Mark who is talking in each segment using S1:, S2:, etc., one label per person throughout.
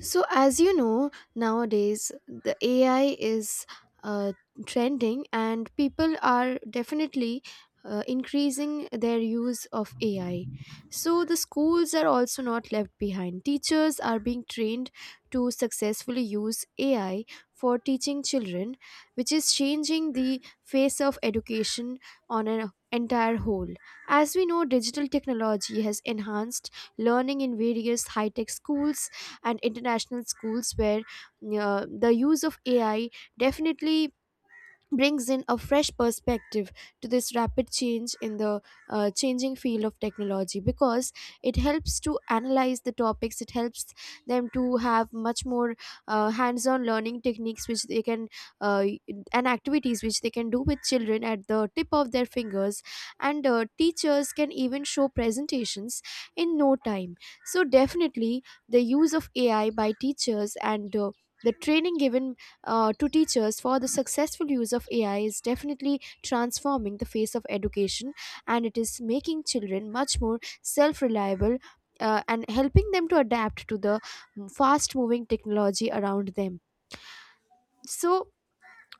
S1: So, as you know, nowadays the AI is uh, trending, and people are definitely increasing their use of AI. So, the schools are also not left behind. Teachers are being trained to successfully use AI for teaching children, which is changing the face of education on an entire whole. As we know, digital technology has enhanced learning in various high tech schools and international schools where the use of ai definitely brings in a fresh perspective to this rapid change in the changing field of technology, because it helps to analyze the topics. It helps them to have much more hands-on learning techniques which they can uh, and activities which they can do with children at the tip of their fingers, and teachers can even show presentations in no time. So definitely, the use of ai by teachers and the training given to teachers for the successful use of AI is definitely transforming the face of education, and it is making children much more self reliable. And helping them to adapt to the fast moving technology around them. So,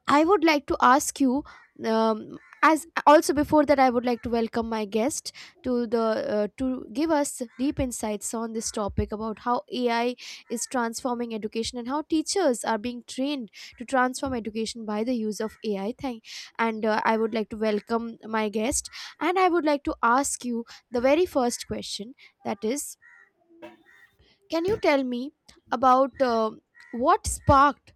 S1: I would like to ask you, um, as also before that, I would like to welcome my guest to the to give us deep insights on this topic about how AI is transforming education and how teachers are being trained to transform education by the use of AI. Thank, and I would like to welcome my guest, and I would like to ask you the very first question, that is. Can you tell me about what sparked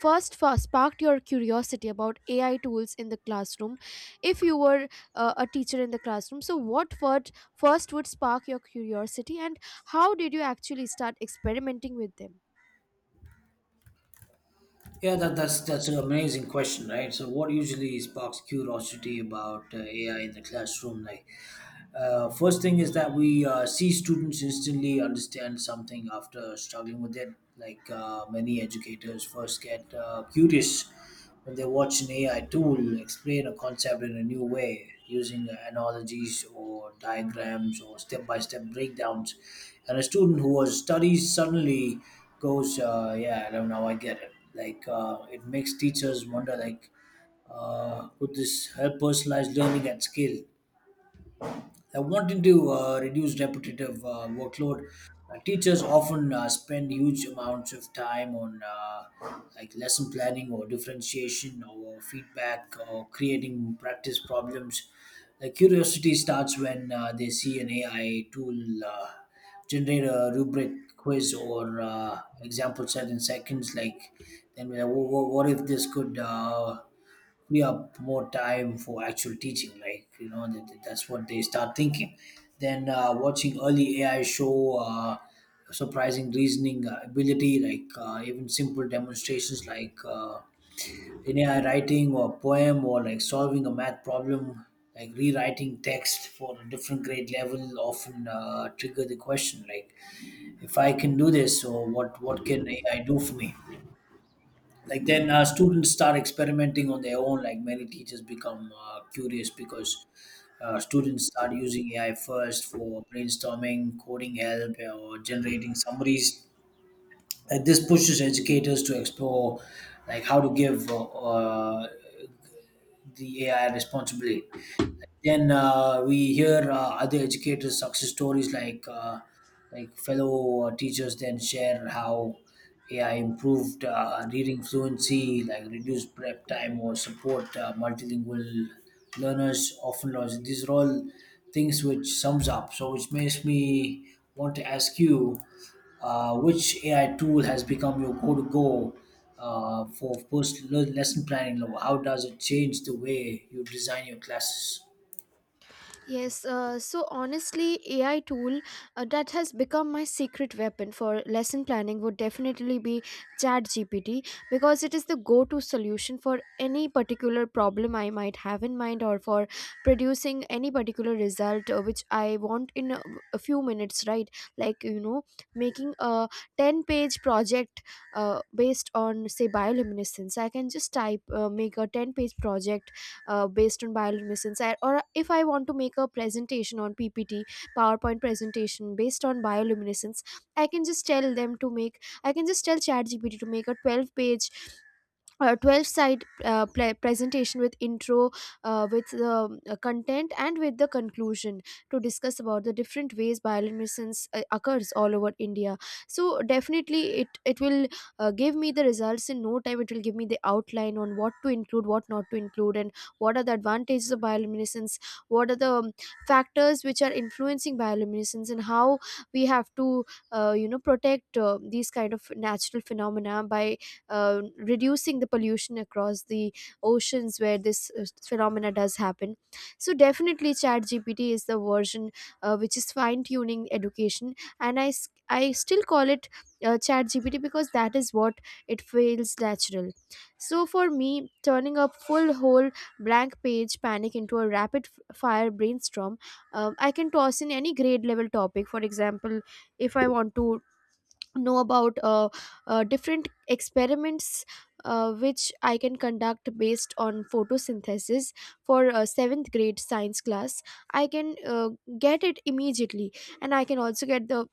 S1: sparked your curiosity about AI tools in the classroom? If you were a teacher in the classroom, so what would first would spark your curiosity, and how did you actually start experimenting with them?
S2: Yeah, that's an amazing question, right? So, what usually sparks curiosity about AI in the classroom? Like, first thing is that we see students instantly understand something after struggling with it. Like many educators first get curious when they watch an AI tool explain a concept in a new way using analogies or diagrams or step by step breakdowns. And a student who was studies suddenly goes, "Yeah, I don't know, I get it." Like it makes teachers wonder, like, could this help personalized learning at scale? Wanting to reduce repetitive workload, teachers often spend huge amounts of time on, like lesson planning or differentiation or feedback or creating practice problems. Like curiosity starts when they see an AI tool uh, generate a rubric quiz or example set in seconds. Like, then we're like, What if this could free up more time for actual teaching. Like, that's what they start thinking." Then watching early ai show uh, surprising reasoning ability, like even simple demonstrations, like in ai writing or poem, or like solving a math problem, like rewriting text for a different grade level, often trigger the question, like, if I can do this, or what can ai do for me. Like then students start experimenting on their own. Like many teachers become curious because students start using ai first for brainstorming, coding help, or generating summaries. Like this pushes educators to explore, like, how to give the ai responsibility. Then we hear other educators' success stories, like fellow teachers, then share how AI improved reading fluency, like reduced prep time, or support multilingual learners. Often, lost. These are all things which sums up. So, which makes me want to ask you, which AI tool has become your go-to-go for personal lesson planning? How does it change the way you design your classes?
S1: Yes, so honestly, AI tool that has become my secret weapon for lesson planning would definitely be ChatGPT, because it is the go-to solution for any particular problem I might have in mind, or for producing any particular result which I want in a few minutes, right? Like, you know, making a 10-page project based on, say, bioluminescence. I can just type, make a 10-page project based on bioluminescence. Or if I want to make a presentation on ppt, powerpoint presentation based on bioluminescence, I can just tell them to make, I can just tell chatgpt to make a 12 page, a 12 side presentation with intro, with the content, and with the conclusion, to discuss about the different ways bioluminescence occurs all over india. So definitely, it will give me the results in no time. It will give me the outline on what to include, what not to include, and what are the advantages of bioluminescence, what are the factors which are influencing bioluminescence, and how we have to you know, protect these kind of natural phenomena by reducing the pollution across the oceans where this phenomena does happen. So definitely, chat gpt is the version which is fine tuning education, and I still call it chat gpt, because that is what it feels natural. So for me, turning a full whole blank page panic into a rapid fire brainstorm, I can toss in any grade level topic. For example, if I want to know about different experiments which I can conduct based on photosynthesis for seventh grade science class. I can get it immediately, and I can also get the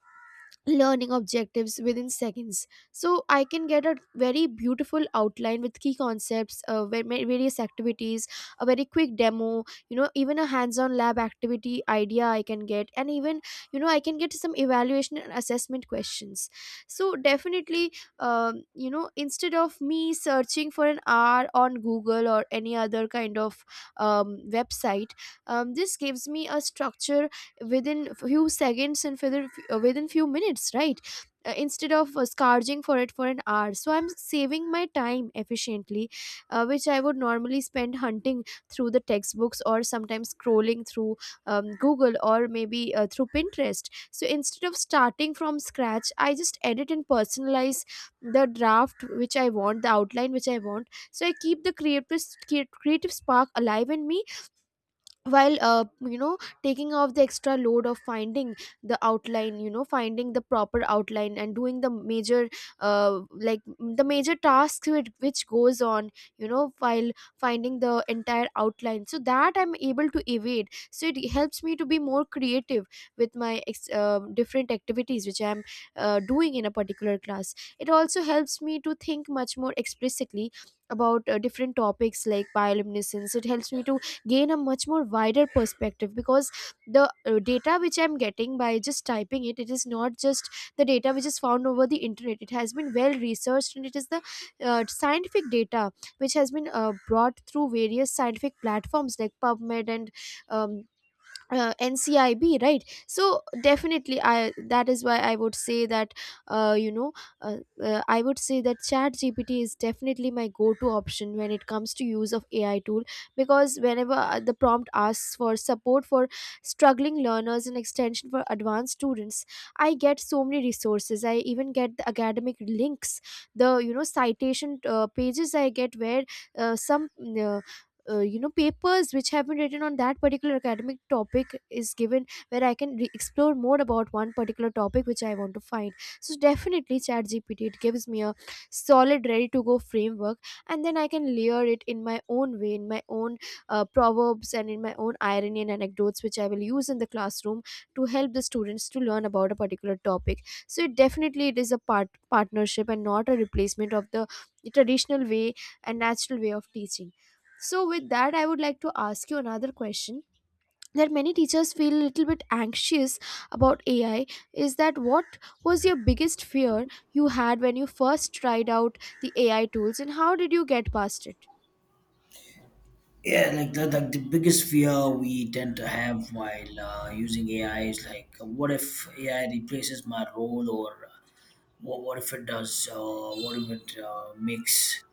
S1: learning objectives within seconds, so I can get a very beautiful outline with key concepts, various activities, a very quick demo, you know, even a hands on lab activity idea I can get, and even, you know, I can get some evaluation and assessment questions. So definitely, you know, instead of me searching for an hour on google or any other kind of website, this gives me a structure within few seconds, and within, within few minutes, right? Instead of scourging for it for an hour, so I'm saving my time efficiently, which I would normally spend hunting through the textbooks, or sometimes scrolling through google, or maybe through pinterest. So instead of starting from scratch, I just edit and personalize the draft which I want, the outline which I want, so I keep the creative spark alive in me while you know, taking off the extra load of finding the outline, you know, finding the proper outline, and doing the major like the major tasks which goes on, you know, while finding the entire outline, so that I'm able to evade. So it helps me to be more creative with my different activities which I'm doing in a particular class. It also helps me to think much more explicitly about different topics like bioluminescence. It helps me to gain a much more wider perspective, because the data which I'm getting by just typing it, it is not just the data which is found over the internet. It has been well researched, and it is the scientific data which has been brought through various scientific platforms like pubmed and um, NCIB, right? So definitely, I that is why I would say that, uh, you know uh, I would say that Chat GPT is definitely my go-to option when it comes to use of AI tool, because whenever the prompt asks for support for struggling learners and extension for advanced students, I get so many resources. I even get the academic links, the you know citation pages I get, where some uh, you know, papers which have been written on that particular academic topic is given, where I can explore more about one particular topic which I want to find. So definitely, chat gpt, it gives me a solid ready to go framework, and then I can layer it in my own way, in my own proverbs, and in my own irony and anecdotes which I will use in the classroom to help the students to learn about a particular topic. So it definitely, it is a partnership and not a replacement of the traditional way and natural way of teaching. So with that, I would like to ask you another question, that many teachers feel a little bit anxious about AI, is that what was your biggest fear you had when you first tried out the AI tools, and how did you get past it?
S2: Yeah, like the biggest fear we tend to have while using AI is, like, what if AI replaces my role, or what if it does, what if it makes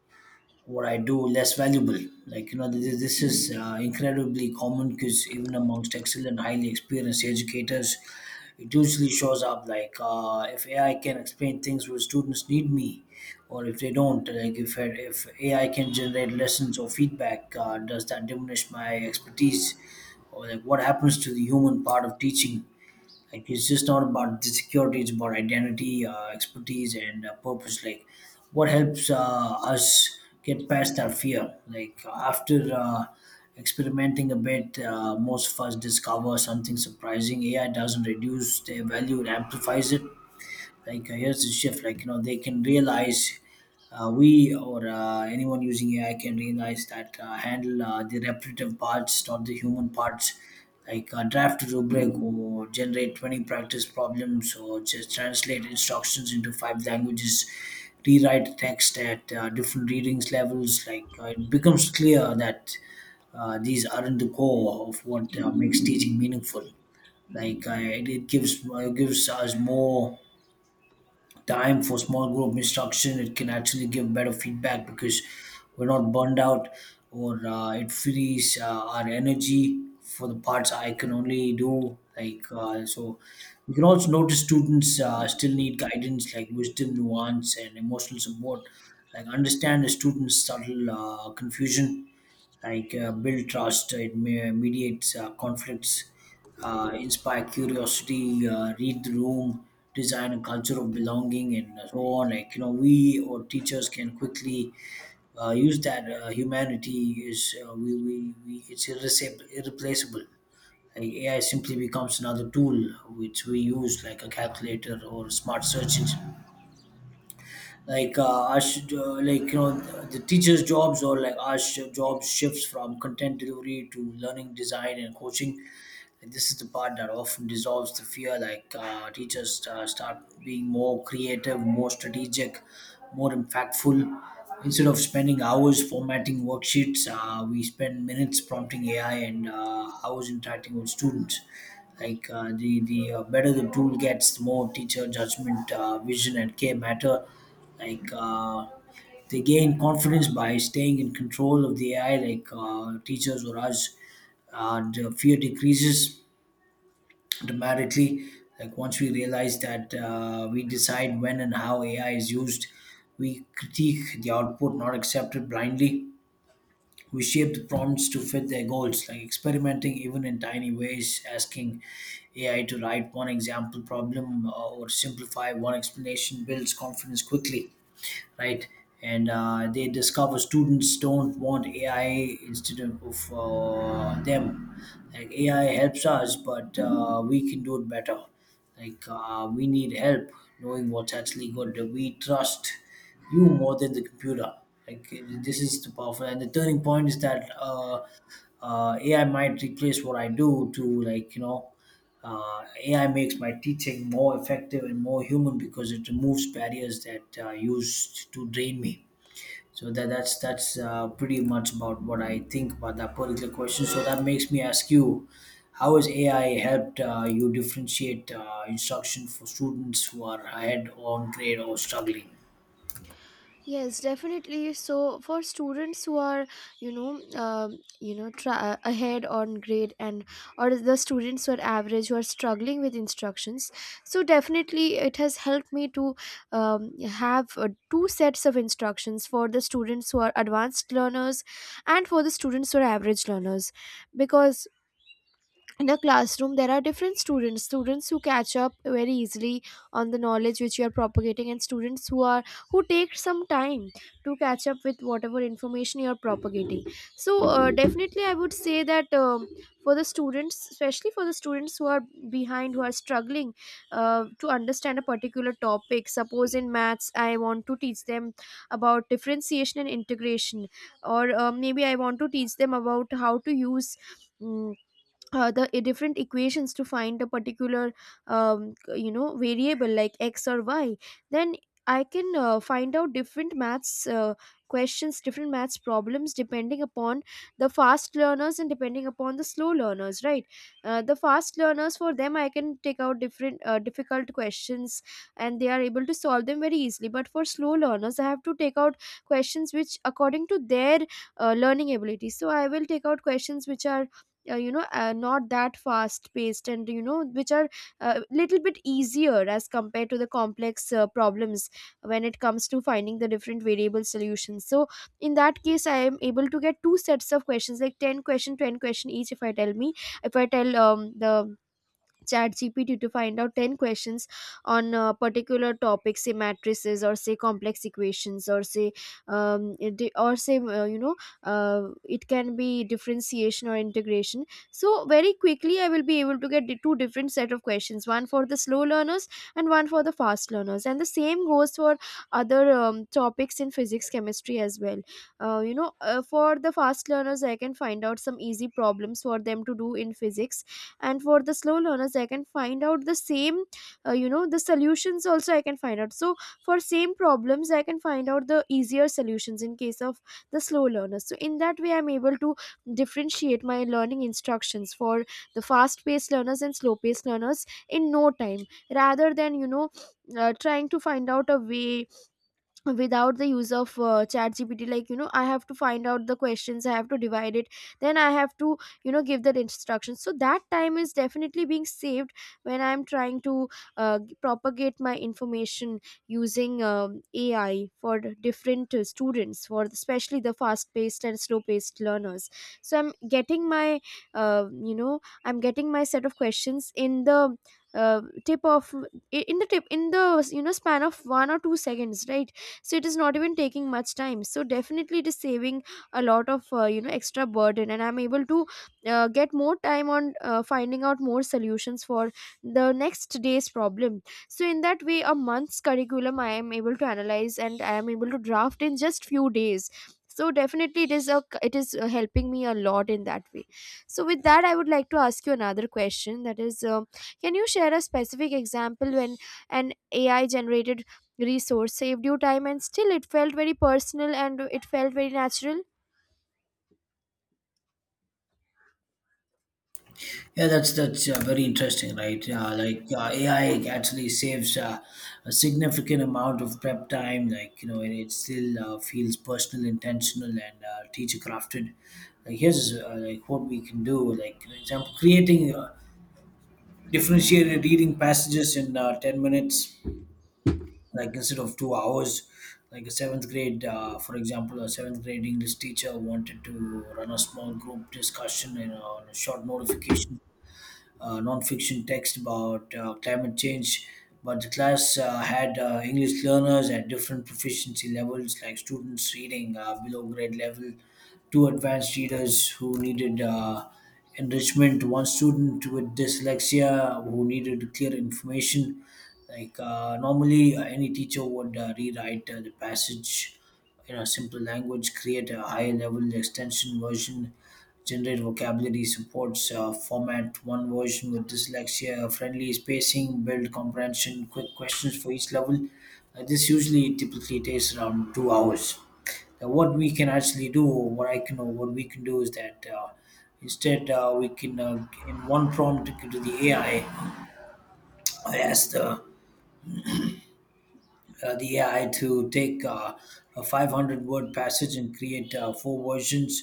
S2: what I do less valuable. Like, this is incredibly common because even amongst excellent, highly experienced educators, it usually shows up, like if AI can explain things where students need me, or if they don't, like if AI can generate lessons or feedback, does that diminish my expertise, or like what happens to the human part of teaching? Like it's just not about the security; it's about identity, expertise, and purpose. Like what helps us get past our fear. Like after experimenting a bit, most of us discover something surprising. AI doesn't reduce their value; it amplifies it. Like here's the shift. Like, they can realize we or anyone using AI can realize that handle the repetitive parts, not the human parts. Like draft a rubric or generate 20 practice problems, or just translate instructions into five languages, rewrite text at different readings levels. Like it becomes clear that these aren't the core of what makes teaching meaningful. Like it gives us more time for small group instruction. It can actually give better feedback because we're not burned out, or it frees our energy for the parts I can only do. Like so we can also notice students still need guidance, like wisdom, nuance, and emotional support, like understand the students subtle confusion, like build trust. It mediates conflicts, inspire curiosity, read the room, design a culture of belonging, and so on. Like you know, we or teachers can quickly use that humanity is, we it's irreplaceable, irreplaceable. Like AI simply becomes another tool which we use like a calculator or a smart search engine, like like you know the teachers' jobs, or like our job shifts from content delivery to learning design and coaching. And this is the part that often dissolves the fear. Like teachers start being more creative, more strategic, more impactful. Instead of spending hours formatting worksheets, we spend minutes prompting AI and hours interacting with students. Like the better the tool gets, the more teacher judgment, vision, and care matter, like they gain confidence by staying in control of the ai. Like teachers or us, the fear decreases dramatically, like once we realize that we decide when and how ai is used. We critique the output, not accept it blindly. We shaped prompts to fit their goals, like experimenting even in tiny ways, asking AI to write one example problem, or simplify one explanation, builds confidence quickly, right? And they discover students don't want AI instead of them. Like AI helps us, but we can do it better. Like we need help knowing what's actually good. We trust you more than the computer. Like this is the powerful, and the turning point is that AI might replace what I do to. AI makes my teaching more effective and more human because it removes barriers that used to drain me. So that's pretty much about what I think about that particular question. So that makes me ask you, how has AI helped you differentiate instruction for students who are ahead on grade or struggling?
S1: Yes, definitely. So for students who are, you know, ahead on grade, and or the students who are average who are struggling with instructions, so definitely it has helped me to have two sets of instructions for the students who are advanced learners and for the students who are average learners, because in a classroom there are different students, students who catch up very easily on the knowledge which you are propagating, and students who are who take some time to catch up with whatever information you are propagating. So definitely I would say that, for the students, especially for the students who are behind, who are struggling to understand a particular topic, suppose in maths I want to teach them about differentiation and integration, or maybe I want to teach them about how to use mm, the different equations to find a particular you know, variable like x or y, then I can find out different maths questions, different maths problems, depending upon the fast learners and depending upon the slow learners, right? The fast learners, for them I can take out different difficult questions, and they are able to solve them very easily. But for slow learners, I have to take out questions which according to their learning ability, so I will take out questions which are not that fast paced, and you know, which are a little bit easier as compared to the complex problems when it comes to finding the different variable solutions. So in that case, I am able to get two sets of questions, like 10 question, 10 question each. If I tell the ChatGPT to find out 10 questions on a particular topic, say matrices, or say complex equations, or say, or say, you know, uh, it can be differentiation or integration. So very quickly, I will be able to get the two different set of questions, one for the slow learners and one for the fast learners. And the same goes for other topics in physics, chemistry as well. For the fast learners, I can find out some easy problems for them to do in physics, and for the slow learners I can find out the same. The solutions also I can find out, so for same problems I can find out the easier solutions in case of the slow learners. So in that way I'm able to differentiate my learning instructions for the fast paced learners and slow paced learners in no time, rather than trying to find out a way without the use of chat gpt. Like, you know, I have to find out the questions, I have to divide it, then I have to, you know, give that instruction. So that time is definitely being saved when I'm trying to propagate my information using ai for the different students, for especially the fast paced and slow paced learners. So I'm getting my I'm getting my set of questions in the tip of in the tip, in the you know span of 1 or 2 seconds, right? So it is not even taking much time, so definitely it is saving a lot of extra burden, and I'm able to get more time on finding out more solutions for the next day's problem. So in that way a month's curriculum I am able to analyze and I am able to draft in just few days. So definitely it is helping me a lot in that way. So with that, I would like to ask you another question, that is, can you share a specific example when an ai generated resource saved you time and still it felt very personal and it felt very natural?
S2: Yeah, that's very interesting, right? Like, AI actually saves a significant amount of prep time. Like you know, and it still feels personal, intentional, and teacher crafted. Like here's, like, what we can do. Like, for example, creating differentiated reading passages in 10 minutes, like instead of 2 hours. Like a seventh grade, for example, a seventh grade English teacher wanted to run a small group discussion and on a short notification non-fiction text about climate change. But the class had English learners at different proficiency levels, like students reading below grade level, two advanced readers who needed enrichment, one student with dyslexia who needed clear information. Like normally, any teacher would rewrite the passage in a simple language, create a higher level extension version, generate vocabulary, supports, format one version with dyslexia, friendly spacing, build comprehension, quick questions for each level. This usually typically takes around 2 hours. Now, what we can actually do, or what I can, or what we can do, is that instead, we can, in one prompt to the AI, I ask the AI to take a 500 word passage and create four versions,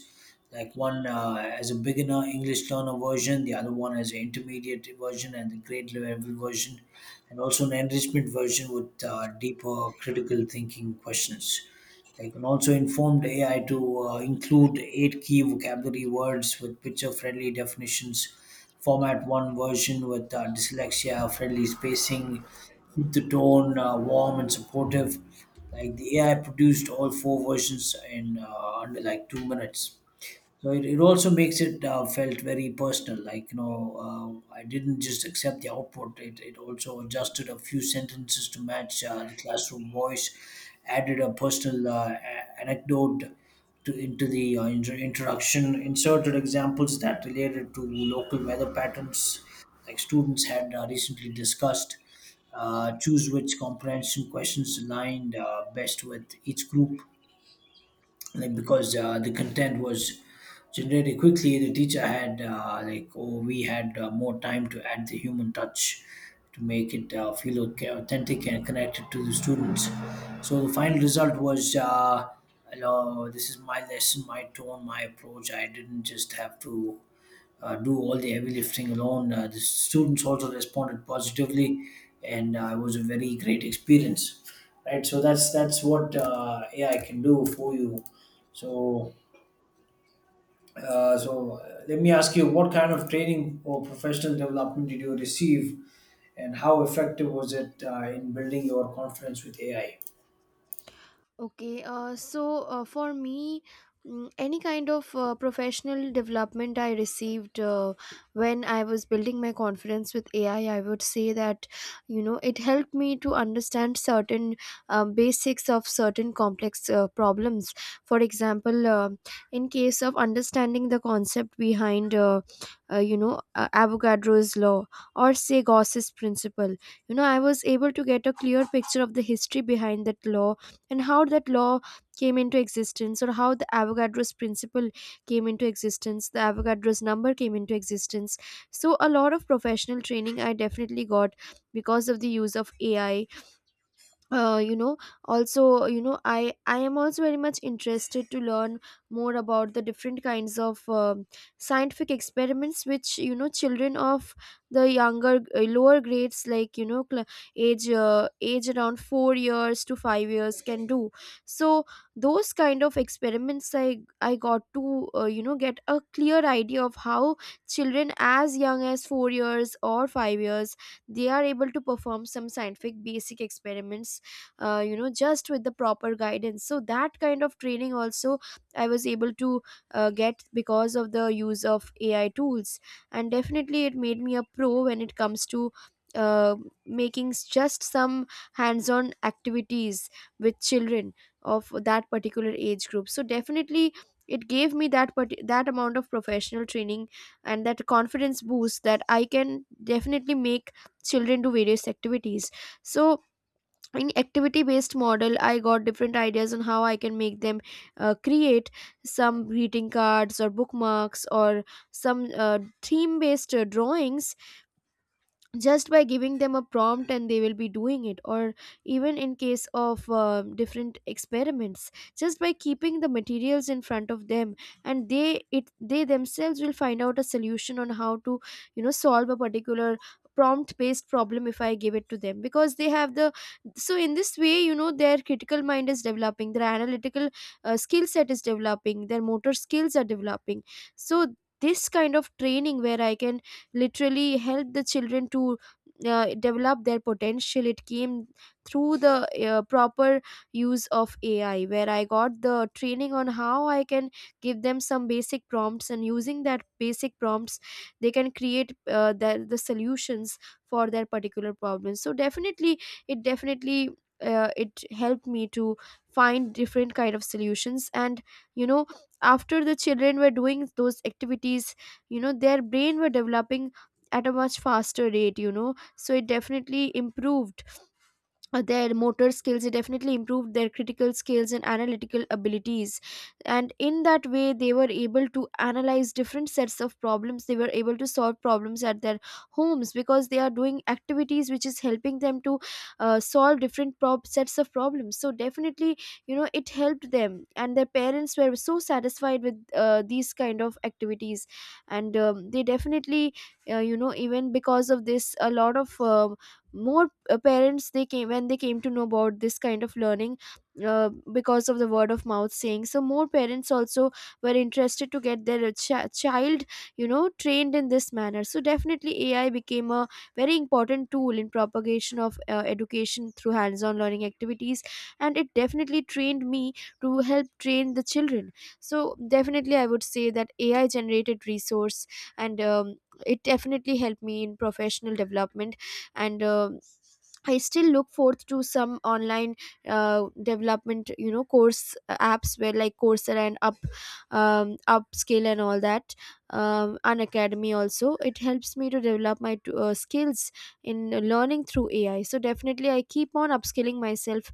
S2: like one as a beginner English learner version, the other one as an intermediate version, and the grade level version, and also an enrichment version with deeper critical thinking questions. They can also inform the AI to include eight key vocabulary words with picture friendly definitions, format one version with dyslexia friendly spacing, keep the tone warm and supportive. Like the AI produced all four versions in under like 2 minutes. So it also makes it felt very personal. Like, you know, I didn't just accept the output. It also adjusted a few sentences to match the classroom voice, added a personal anecdote into the introduction, inserted examples that related to local weather patterns, like students had recently discussed. Choose which comprehension questions aligned best with each group, like because the content was generated quickly, the teacher had, like, or we had more time to add the human touch to make it feel okay, authentic and connected to the students. So the final result was, you know, this is my lesson, my tone, my approach. I didn't just have to do all the heavy lifting alone. The students also responded positively, and it was a very great experience. Right, so that's what AI can do for you. So, let me ask you, what kind of training or professional development did you receive, and how effective was it in building your confidence with AI?
S1: Okay, so for me, mm, any kind of professional development I received when I was building my confidence with AI, I would say that you know it helped me to understand certain basics of certain complex problems. For example, in case of understanding the concept behind Avogadro's law or say Gauss's principle, you know I was able to get a clear picture of the history behind that law and how that law came into existence, or how the Avogadro's principle came into existence, the Avogadro's number came into existence. So a lot of professional training I definitely got because of the use of ai. uh, you know Also, you know, I am also very much interested to learn more about the different kinds of scientific experiments which, you know, children of the younger lower grades, like, you know, age around 4 years to 5 years can do. So those kind of experiments I got to get a clear idea of how children as young as 4 years or 5 years, they are able to perform some scientific basic experiments, you know, just with the proper guidance. So that kind of training also I was able to get because of the use of ai tools. And definitely it made me a pro when it comes to uh, making just some hands-on activities with children of that particular age group. So definitely it gave me that that amount of professional training and that confidence boost, that I can definitely make children do various activities. So in activity based model, I got different ideas on how I can make them create some greeting cards or bookmarks or some theme based drawings just by giving them a prompt, and they will be doing it. Or even in case of different experiments, just by keeping the materials in front of them, and they themselves will find out a solution on how to, you know, solve a particular prompt based problem, if I give it to them, because they have the. So in this way, you know, their critical mind is developing, their analytical skill set is developing, their motor skills are developing. So this kind of training, where I can literally helped the children to develop their potential, it came through the proper use of ai, where I got the training on how I can give them some basic prompts, and using that basic prompts they can create the solutions for their particular problems. So definitely it definitely it helped me to find different kind of solutions. And you know, after the children were doing those activities, you know, their brain were developing at a much faster rate, you know. So it definitely improved their motor skills, they definitely improved their critical skills and analytical abilities. And in that way they were able to analyze different sets of problems, they were able to solve problems at their homes, because they are doing activities which is helping them to solve sets of problems. So definitely, you know, it helped them, and their parents were so satisfied with these kind of activities. And they definitely even because of this, a lot of more parents, they came when they came to know about this kind of learning, because of the word of mouth saying. So more parents also were interested to get their child, you know, trained in this manner. So definitely ai became a very important tool in propagation of education through hands on learning activities, and it definitely trained me to help train the children. So definitely, I would say that ai generated resource, and it definitely helped me in professional development. And I still look forth to some online development, you know, course apps, where like Coursera and Up, Upskill and all that, Unacademy also. It helps me to develop my skills in learning through AI. So definitely, I keep on upskilling myself